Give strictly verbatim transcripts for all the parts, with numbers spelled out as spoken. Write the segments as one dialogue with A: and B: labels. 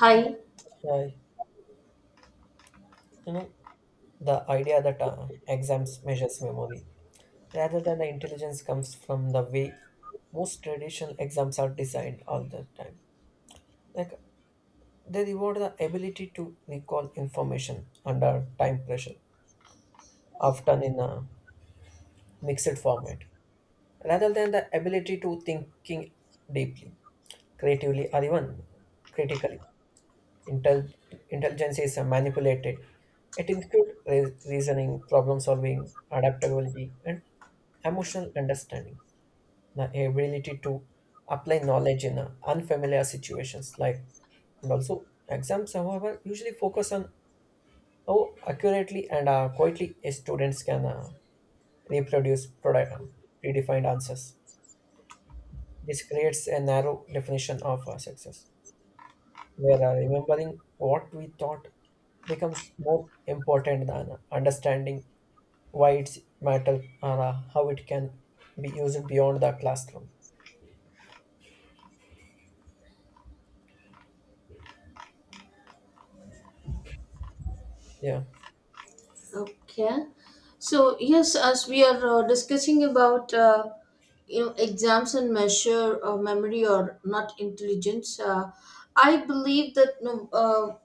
A: Hi.
B: Right. You know, the idea that uh, exams measures memory rather than the intelligence comes from the way most traditional exams are designed all the time. Like they reward the ability to recall information under time pressure, often in a mixed format, rather than the ability to thinking deeply, creatively, or even critically. Intel- Intelligence is manipulated. It includes re- reasoning, problem solving, adaptability, and emotional understanding. The ability to apply knowledge in uh, unfamiliar situations, like and also exams, however, usually focus on how accurately and uh, quietly a students can uh, reproduce product, uh, predefined answers. This creates a narrow definition of uh, success, where uh, remembering what we thought becomes more important than understanding why it's matter or uh, how it can be used beyond the classroom. Yeah,
A: Okay. So yes, as we are uh, discussing about uh, you know exams and measure uh, memory or not intelligence, uh, I believe that no, uh,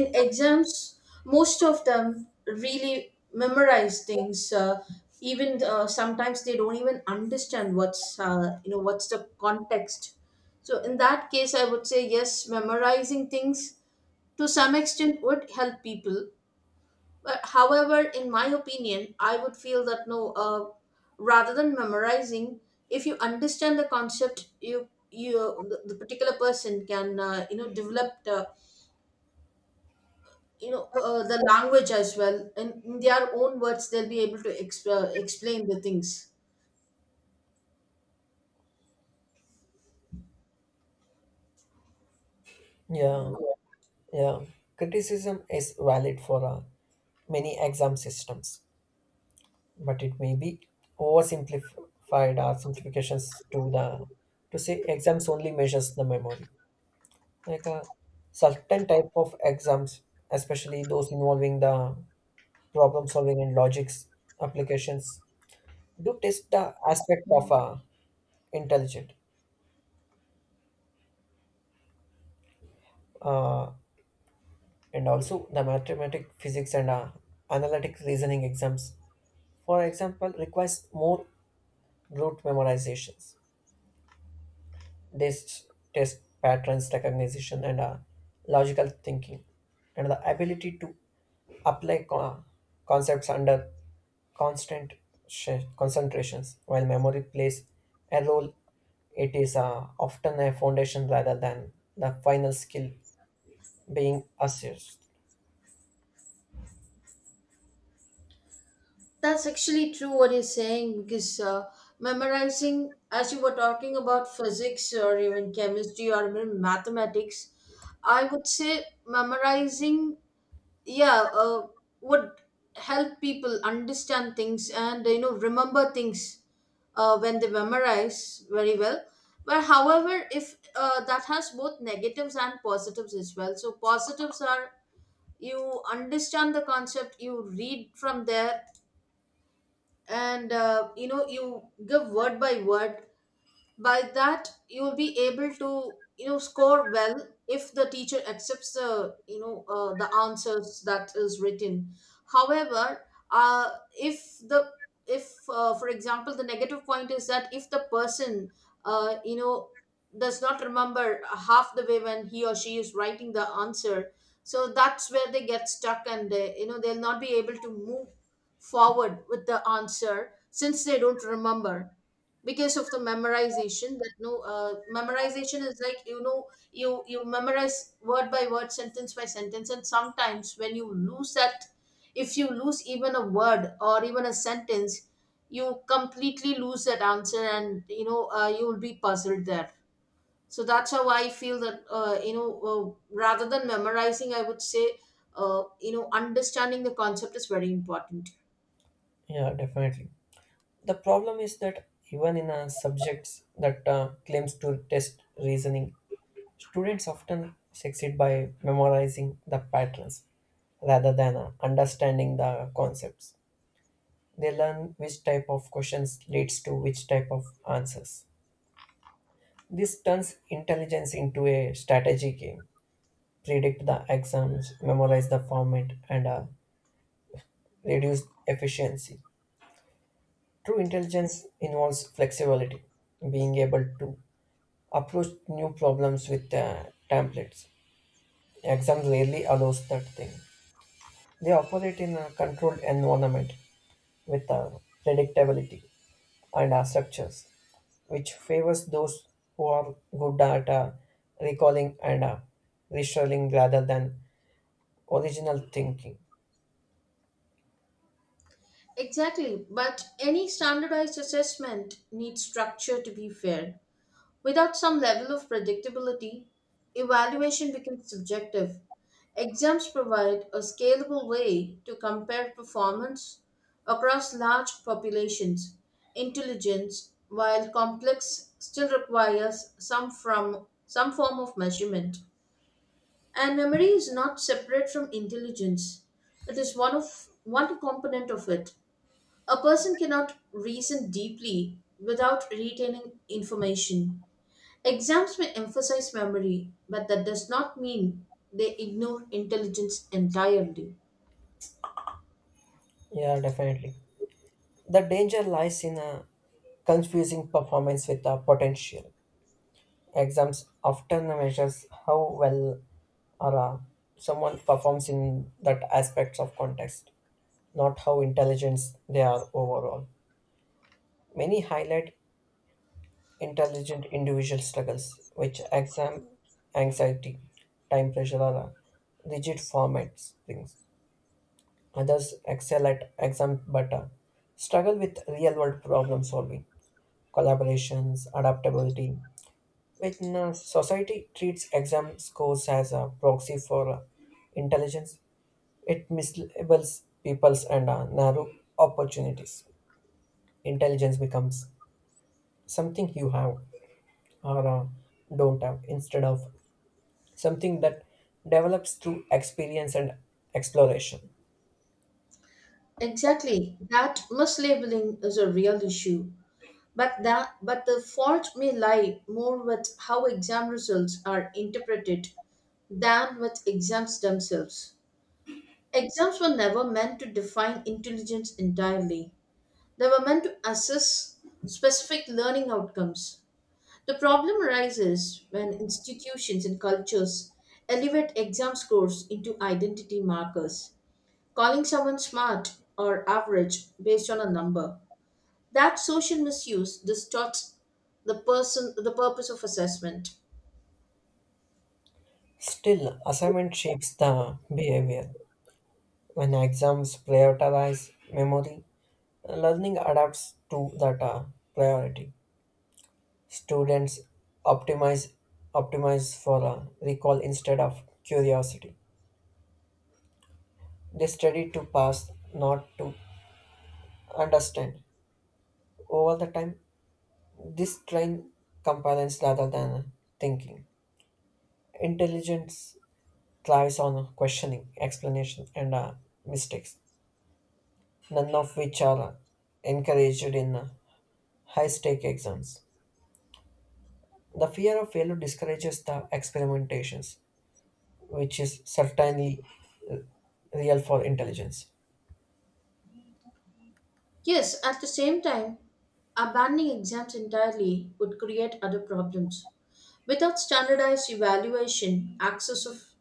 A: in exams most of them really memorize things. Uh, even uh, sometimes they don't even understand what's uh, you know what's the context. So in that case, I would say yes, memorizing things to some extent would help people. But however, in my opinion, I would feel that no, uh, rather than memorizing, if you understand the concept, you you the, the particular person can uh, you know develop the you know uh, the language as well, and in their own words, they'll be able to exp- uh, explain the things.
B: yeah, yeah. Criticism is valid for uh, many exam systems, but it may be oversimplified or simplifications to the to say exams only measures the memory. Like a certain type of exams, especially those involving the problem solving and logics applications do test the aspect of uh, intelligent uh, and also the mathematic physics and uh, analytic reasoning exams for example requires more rote memorizations. This test patterns recognition and uh, logical thinking, and the ability to apply co- concepts under constant sh- concentrations. While memory plays a role, it is uh, often a foundation rather than the final skill being assessed.
A: That's actually true what you're saying because uh, memorizing, as you were talking about physics or even chemistry or even mathematics, I would say memorizing, yeah, uh, would help people understand things and you know remember things uh, when they memorize very well, but however if uh, that has both negatives and positives as well, so positives are you understand the concept, you read from there and uh, you know you give word by word. By that you will be able to you know score well if the teacher accepts the you know uh, the answers that is written. However, uh, if the, if uh, for example, the negative point is that if the person uh, you know does not remember half the way when he or she is writing the answer, so that's where they get stuck and they you know they'll not be able to move forward with the answer since they don't remember, because of the memorization that no, uh, memorization is like you know you you memorize word by word, sentence by sentence, and sometimes when you lose that, if you lose even a word or even a sentence, you completely lose that answer and you know uh, you will be puzzled there. So that's how I feel that uh, you know uh, rather than memorizing, I would say uh, you know understanding the concept is very important.
B: Yeah, definitely. The problem is that even in uh, subjects that uh, claims to test reasoning. Students often succeed by memorizing the patterns rather than uh, understanding the concepts. They learn which type of questions leads to which type of answers. This turns intelligence into a strategy game, predict the exams, memorize the format, and uh, reduce efficiency. True intelligence involves flexibility, being able to approach new problems with uh, templates. Exams rarely allows that thing. They operate in a controlled environment with a predictability and a structures, which favors those who are good at uh, recalling and uh, restoring rather than original thinking.
A: Exactly, but any standardized assessment needs structure to be fair. Without some level of predictability, evaluation becomes subjective. Exams provide a scalable way to compare performance across large populations. Intelligence, while complex, still requires some from some form of measurement. And memory is not separate from intelligence. It is one of one component of it. A person cannot reason deeply without retaining information. Exams may emphasize memory, but that does not mean they ignore intelligence entirely.
B: Yeah, definitely. The danger lies in uh, confusing performance with uh, potential. Exams often measures how well or uh, someone performs in that aspects of context, not how intelligent they are overall. Many highlight intelligent individual struggles, which exam anxiety, time pressure are uh, rigid formats things. Others excel at exam but uh, struggle with real world problem solving, collaborations, adaptability. When uh, society treats exam scores as a proxy for uh, intelligence, it mislabels peoples and uh, narrow opportunities. Intelligence becomes something you have or uh, don't have instead of something that develops through experience and exploration.
A: Exactly, that mislabeling is a real issue. But that, but the fault may lie more with how exam results are interpreted than with exams themselves. Exams were never meant to define intelligence entirely. They were meant to assess specific learning outcomes. The problem arises when institutions and cultures elevate exam scores into identity markers, calling someone smart or average based on a number. That social misuse distorts the person, the purpose of assessment.
B: Still, assignment shapes the behavior. When exams prioritize memory, learning adapts to that uh, priority. Students optimize optimize for uh, recall instead of curiosity. They study to pass, not to understand. Over the time, this train compliance rather than thinking. Intelligence thrives on questioning, explanation, and uh, mistakes, none of which are uh, encouraged in uh, high stake exams. The fear of failure discourages the experimentations, which is certainly real for intelligence.
A: Yes, at the same time, abandoning exams entirely would create other problems. Without standardized evaluation, access of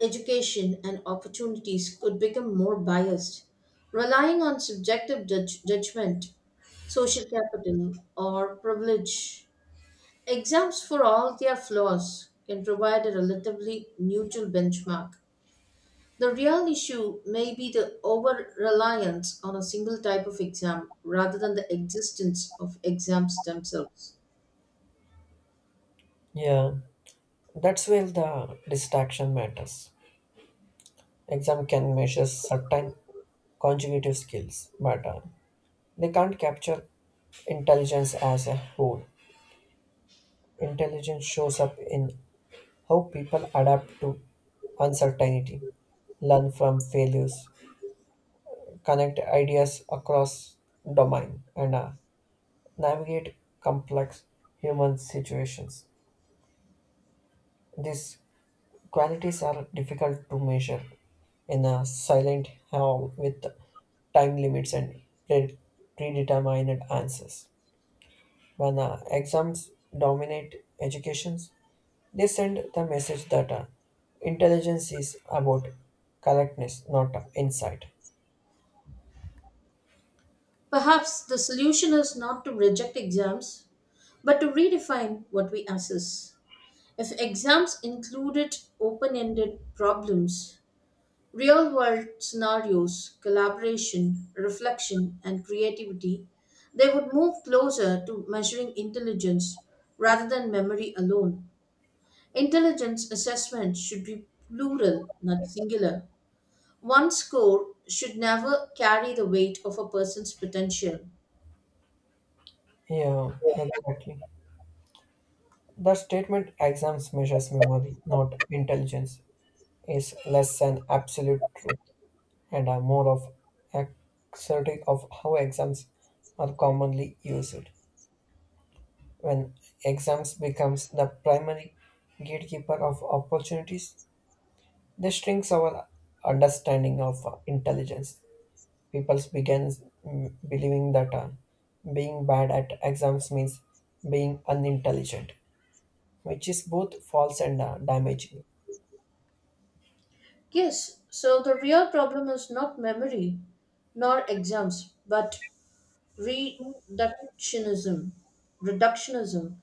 A: education and opportunities could become more biased, relying on subjective judge- judgment, social capital, or privilege. Exams, for all their flaws, can provide a relatively neutral benchmark. The real issue may be the over reliance on a single type of exam rather than the existence of exams themselves.
B: Yeah, that's where the distraction matters. Exam can measure certain conjugative skills, but uh, they can't capture intelligence as a whole. Intelligence shows up in how people adapt to uncertainty, learn from failures, connect ideas across domain, and uh, navigate complex human situations. These qualities are difficult to measure in a silent hall with time limits and pre- predetermined answers. When uh, exams dominate educations, They send the message that uh, intelligence is about correctness, not uh, insight.
A: Perhaps the solution is not to reject exams, but to redefine what we assess. If exams included open ended problems, real world scenarios, collaboration, reflection, and creativity, they would move closer to measuring intelligence rather than memory alone. Intelligence assessment should be plural, not singular. One score should never carry the weight of a person's potential.
B: Yeah, exactly. The statement exams measures memory, not intelligence, is less than absolute truth and are more of a critique of how exams are commonly used. When exams becomes the primary gatekeeper of opportunities, this shrinks our understanding of uh, intelligence. People began mm, believing that uh, being bad at exams means being unintelligent, which is both false and uh, damaging.
A: Yes, so the real problem is not memory nor exams, but reductionism reductionism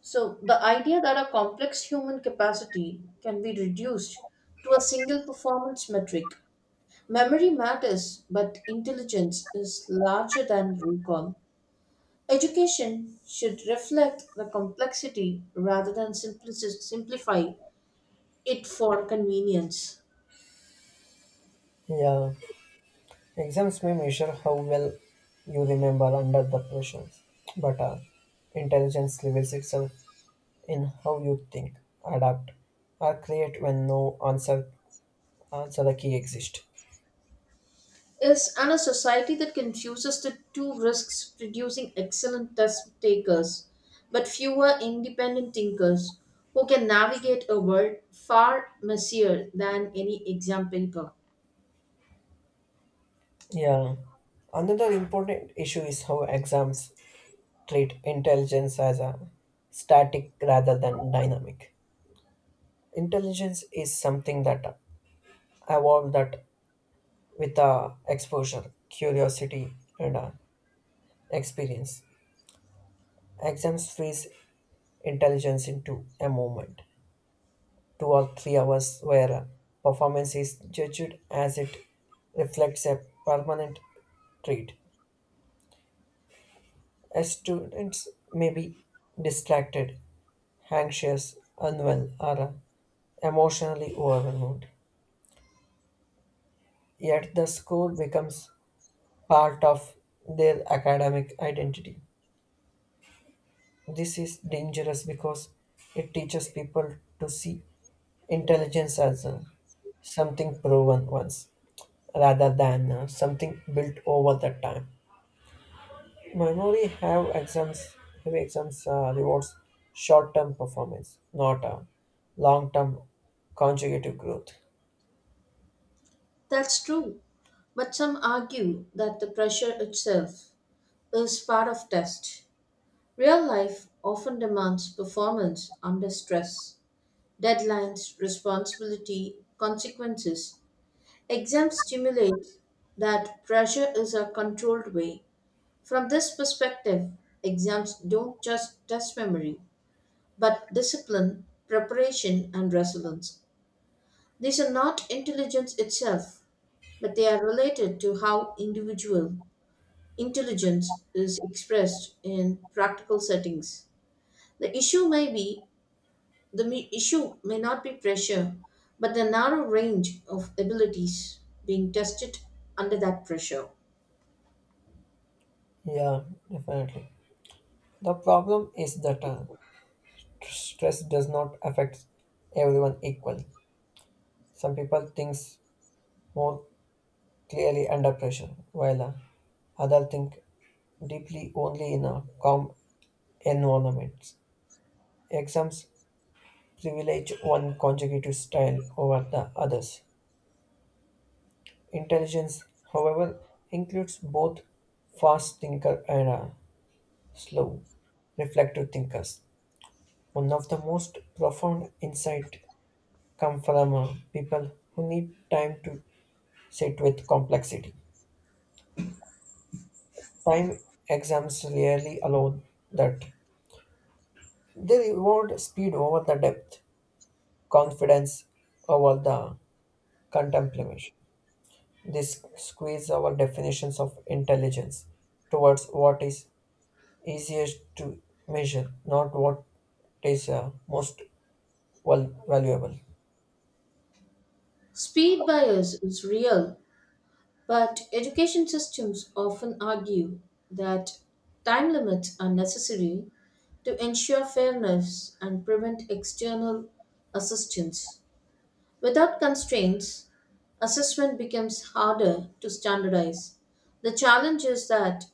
A: so the idea that a complex human capacity can be reduced to a single performance metric. Memory matters, but intelligence is larger than recall. Education should reflect the complexity rather than simplici- simplify it for convenience,
B: Yeah, exams may measure how well you remember under the pressure, but uh, intelligence reveals itself in how you think, adapt, or create when no answer answer the key exists.
A: is, and a society that confuses the two risks producing excellent test takers but fewer independent thinkers who can navigate a world far messier than any exam paper.
B: Yeah, another important issue is how exams treat intelligence as a static rather than dynamic. Intelligence is something that evolved that with uh, exposure, curiosity, and uh, experience. Exams freeze intelligence into a moment, two or three hours, where uh, performance is judged as it reflects a permanent trait. As students may be distracted, anxious, unwell, or uh, emotionally overwhelmed. yet the score becomes part of their academic identity. This is dangerous because it teaches people to see intelligence as uh, something proven once rather than uh, something built over the time. Memory have exams have exams uh, rewards short-term performance, not uh, long-term consecutive growth.
A: That's true, but some argue that the pressure itself is part of test. Real life often demands performance under stress, deadlines, responsibility, consequences. Exam stimulates that pressure is a controlled way. From this perspective, exams don't just test memory, but discipline, preparation, and resilience. These are not intelligence itself, but they are related to how individual intelligence is expressed in practical settings. The issue may be, the me- issue may not be pressure, but the narrow range of abilities being tested under that pressure.
B: Yeah, definitely. The problem is that uh, stress does not affect everyone equally. Some people think more clearly under pressure, while uh, others think deeply only in a calm environment. Exams privilege one consecutive style over the others. Intelligence, however, includes both fast thinker and uh, slow, reflective thinkers. One of the most profound insight come from uh, people who need time to sit with complexity. Time Exams rarely allow that. They reward speed over the depth, confidence over the contemplation. This squeeze our definitions of intelligence towards what is easiest to measure, not what is uh, most val- valuable.
A: Speed bias is real, but education systems often argue that time limits are necessary to ensure fairness and prevent external assistance. Without constraints, assessment becomes harder to standardize. The challenge is that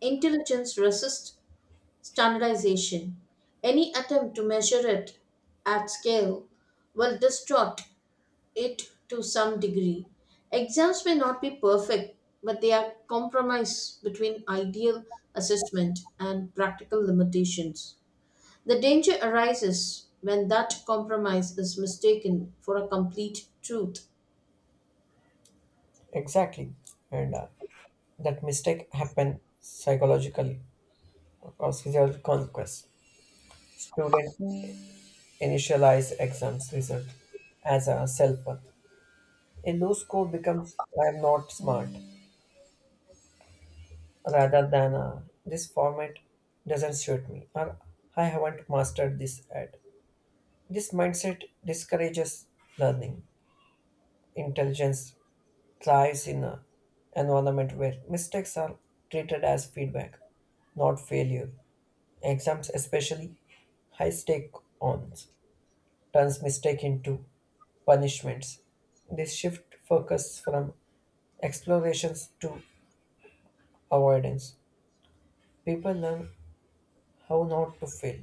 A: intelligence resists standardization. Any attempt to measure it at scale will distort it to some degree. Exams may not be perfect, but they are compromise between ideal assessment and practical limitations. The danger arises when that compromise is mistaken for a complete truth.
B: Exactly, and uh, that mistake happen psychological or physical conquest. Student initialize exams result as a self-worth. A low score becomes I'm not smart rather than a, this format doesn't suit me or I haven't mastered this at. This mindset discourages learning. Intelligence thrives in an environment where mistakes are treated as feedback, not failure. Exams, especially high stake ons, turns mistake into punishments. This shift focus from explorations to avoidance. People learn how not to feel,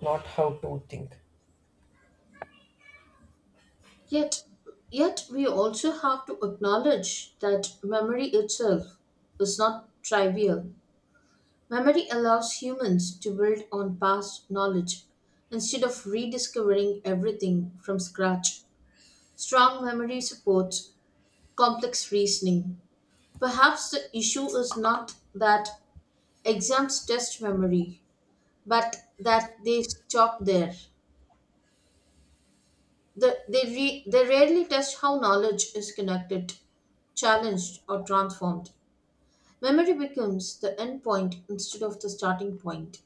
B: not how to think.
A: Yet, yet we also have to acknowledge that memory itself is not trivial. Memory allows humans to build on past knowledge instead of rediscovering everything from scratch. Strong memory supports complex reasoning. Perhaps the issue is not that exams test memory, but that they stop there. The, they, re, they rarely test how knowledge is connected, challenged, or transformed. Memory becomes the end point instead of the starting point.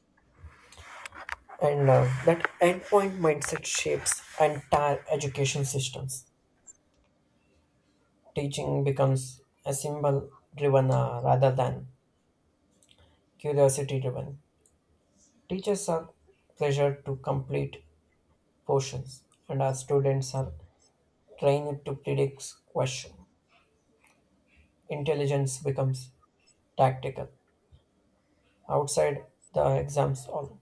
B: And now that endpoint mindset shapes entire education systems. Teaching becomes a symbol driven uh, rather than curiosity driven. Teachers are pressured to complete portions, and our students are trained to predict question. Intelligence becomes tactical outside the exams hall.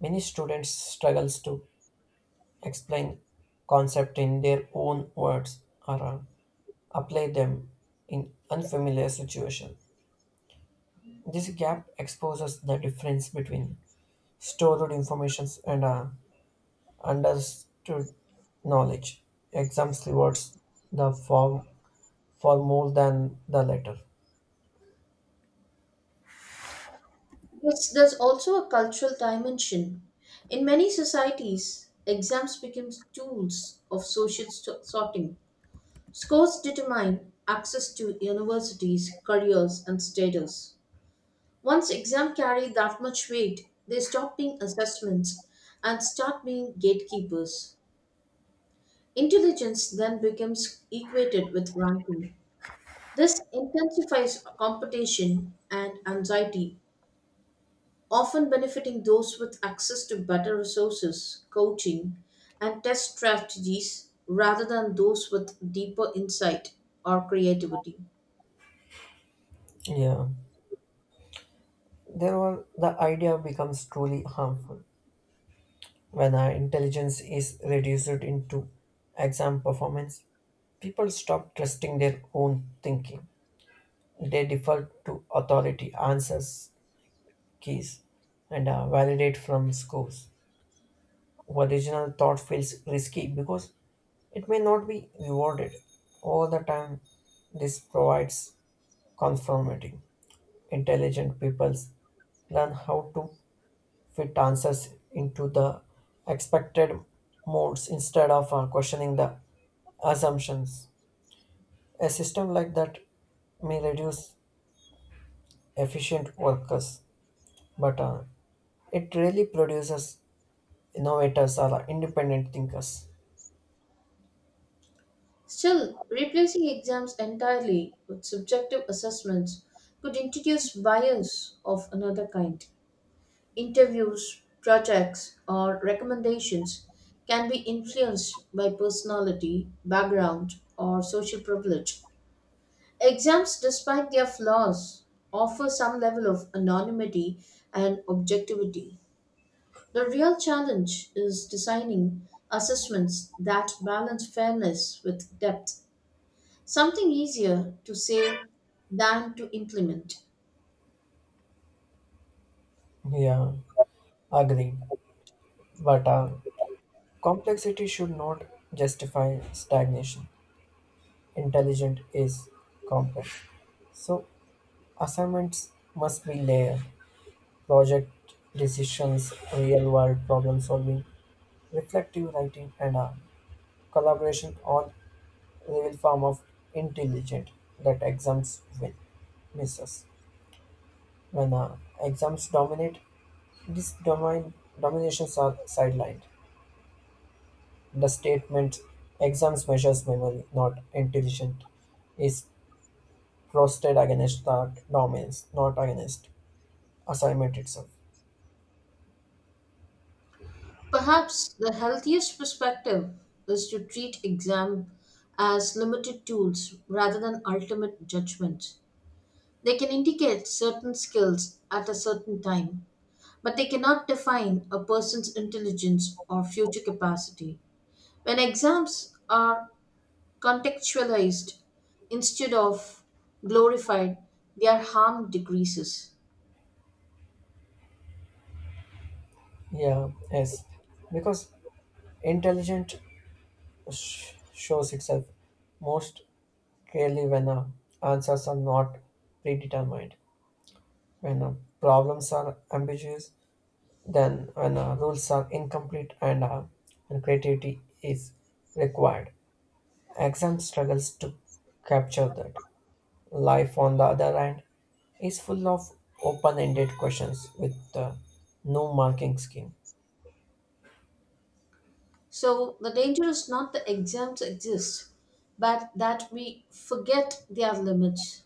B: Many students struggles to explain concept in their own words or uh, apply them in unfamiliar situation. This gap exposes the difference between stored information and uh, understood knowledge. Exams rewards the form for more than the letter.
A: Yes, there's also a cultural dimension. In many societies, exams become tools of social st- sorting. Scores determine access to universities, careers, and status. Once exams carry that much weight, they stop being assessments and start being gatekeepers. Intelligence then becomes equated with ranking. This intensifies competition and anxiety, often benefiting those with access to better resources, coaching, and test strategies rather than those with deeper insight or creativity.
B: Yeah, there were the idea becomes truly harmful. When our intelligence is reduced into exam performance, people stop trusting their own thinking. They default to authority, answers, keys, and uh, validate from scores. Original thought feels risky because it may not be rewarded. All the time, this provides conformity. Intelligent people learn how to fit answers into the expected modes instead of uh, questioning the assumptions. A system like that may reduce efficient workers, but uh, it really produces innovators or independent thinkers.
A: Still, replacing exams entirely with subjective assessments could introduce bias of another kind. Interviews, projects, or recommendations can be influenced by personality, background, or social privilege. Exams, despite their flaws, offer some level of anonymity and objectivity. The real challenge is designing assessments that balance fairness with depth. Something easier to say than to implement.
B: Yeah, agreed. But uh, complexity should not justify stagnation. Intelligent is complex. So assignments must be layered, project decisions, real-world problem-solving, reflective writing, and a collaboration on real form of intelligence that exams will misses. When uh, exams dominate, these domain dominations are sidelined. The statement exams measures memory, not intelligent, is trusted against that dominance, not against assignment itself.
A: Perhaps the healthiest perspective is to treat exam as limited tools rather than ultimate judgments. They can indicate certain skills at a certain time, but they cannot define a person's intelligence or future capacity. When exams are contextualized instead of glorified, their harm decreases.
B: Yeah, yes. Because intelligent sh- shows itself most clearly when uh, answers are not predetermined, when uh, problems are ambiguous, then when uh, rules are incomplete and, uh, and creativity is required. Exam struggles to capture that. Life, on the other hand, is full of open ended questions with uh, no marking scheme.
A: So the danger is not that exams exist, but that we forget their limits.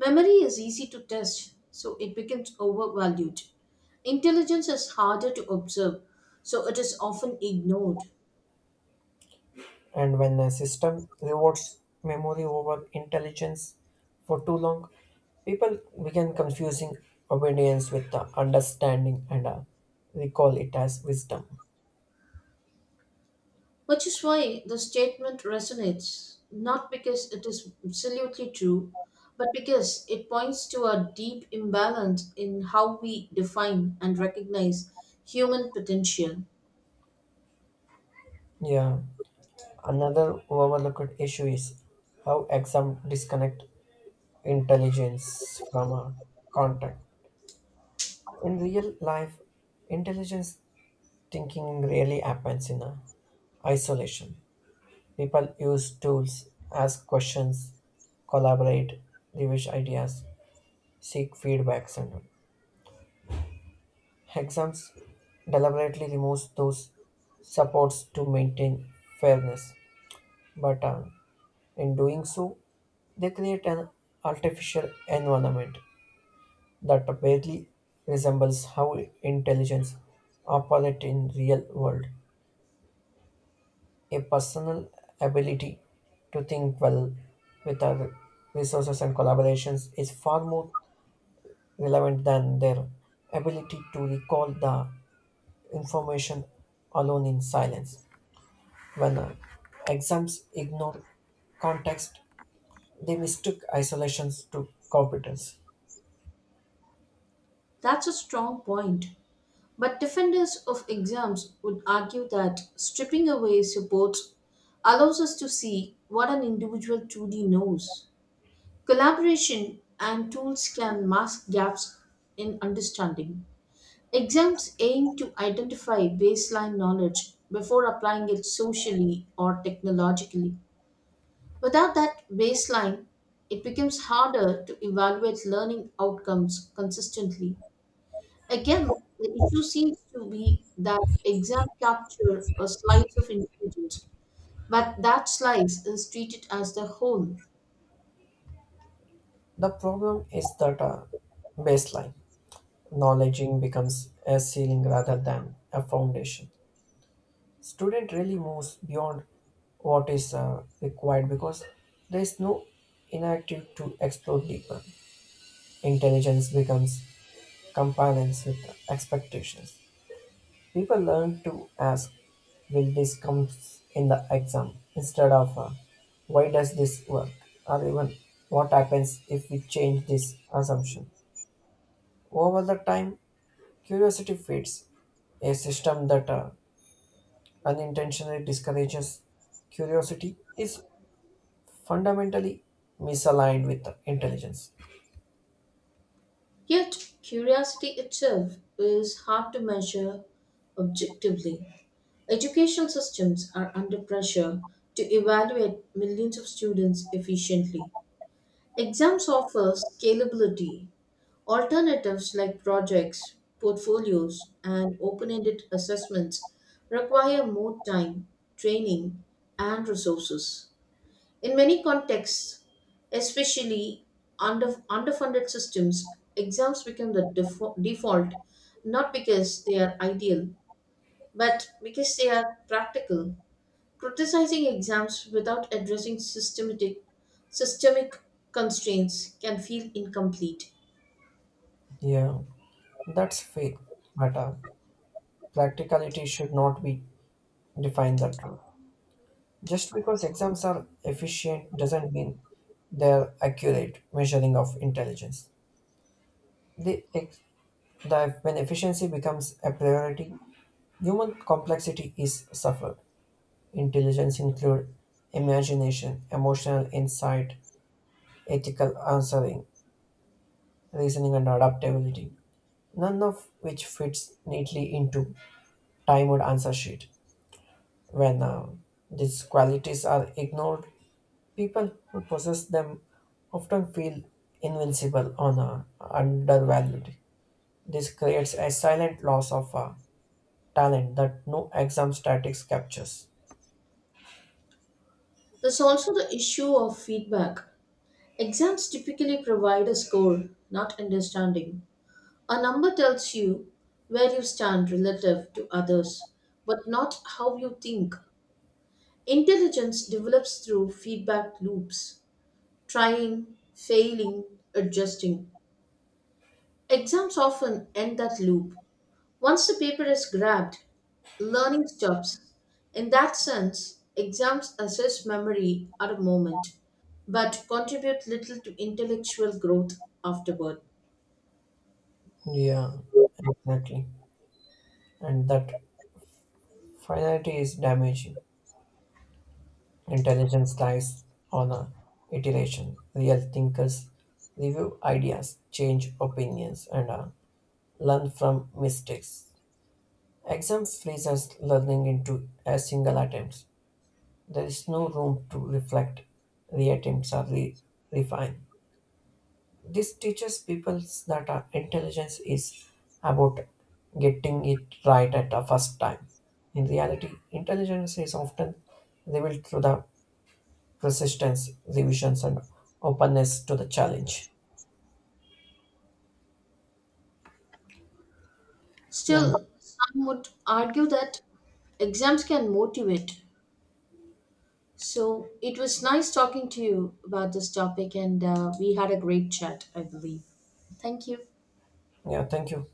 A: Memory is easy to test, so it becomes overvalued. Intelligence is harder to observe, so it is often ignored.
B: And when a system rewards memory over intelligence for too long, people begin confusing obedience with the understanding and uh, recall it as wisdom.
A: Which is why the statement resonates, not because it is absolutely true, but because it points to a deep imbalance in how we define and recognize human potential.
B: Yeah. Another overlooked issue is how exam disconnect intelligence from a contract. In real life, intelligence thinking really happens in a isolation. People use tools, ask questions, collaborate, revision ideas, seek feedbacks. And exams deliberately removes those supports to maintain fairness, but um, in doing so, they create an artificial environment that barely resembles how intelligence operates in real world. a personal ability to think well with our resources and collaborations is far more relevant than their ability to recall the information alone in silence. When uh, exams ignore context, they mistook isolations to competence.
A: That's a strong point. But defenders of exams would argue that stripping away supports allows us to see what an individual truly knows. Collaboration and tools can mask gaps in understanding. Exams aim to identify baseline knowledge before applying it socially or technologically. Without that baseline, it becomes harder to evaluate learning outcomes consistently. Again, the issue seems to be that exam capture a slice of intelligence, but that slice is treated as the whole.
B: The problem is that uh, baseline knowledging becomes a ceiling rather than a foundation. student really moves beyond what is uh, required because there is no inactive to explore deeper. Intelligence becomes compliance with expectations. People learn to ask, will this come in the exam instead of uh, why does this work or even what happens if we change this assumption. Over the time, curiosity fades. A system that uh, unintentionally discourages curiosity is fundamentally misaligned with intelligence.
A: Yet, curiosity itself is hard to measure objectively. Education systems are under pressure to evaluate millions of students efficiently. Exams offer scalability. Alternatives like projects, portfolios, and open ended assessments require more time, training, and resources. In many contexts, especially under, underfunded systems, exams become the defo- default, not because they are ideal, but because they are practical. Criticizing exams without addressing systematic, systemic constraints can feel incomplete.
B: Yeah, that's faith, but uh, practicality should not be defined that way. Just because exams are efficient doesn't mean they're accurate measuring of intelligence. The, ex- the when efficiency becomes a priority, human complexity is suffered. Intelligence include imagination, emotional insight, ethical answering, reasoning, and adaptability. none of which fits neatly into timed answer sheet. When uh, these qualities are ignored, people who possess them often feel invincible or uh, undervalued. This creates a silent loss of uh, talent that no exam statics captures.
A: There's also the issue of feedback. Exams typically provide a score, not understanding. A number tells you where you stand relative to others, but not how you think. Intelligence develops through feedback loops, trying, failing, adjusting. Exams often end that loop. Once the paper is grabbed, learning stops. In that sense, exams assess memory at a moment, but contribute little to intellectual growth afterward.
B: Yeah, exactly. And that finality is damaging. Intelligence lies on a iteration. Real thinkers review ideas, change opinions, and uh, learn from mistakes. Exams freeze us learning into a single attempt. There is no room to reflect, reattempt, or re- refine. This teaches people that our intelligence is about getting it right at the first time. In reality, intelligence is often revealed through the persistence, revisions, and openness to the challenge. Yeah,
A: Still, some would argue that exams can motivate. So it was nice talking to you about this topic, and uh, we had a great chat, I believe. Thank you.
B: yeah, thank you.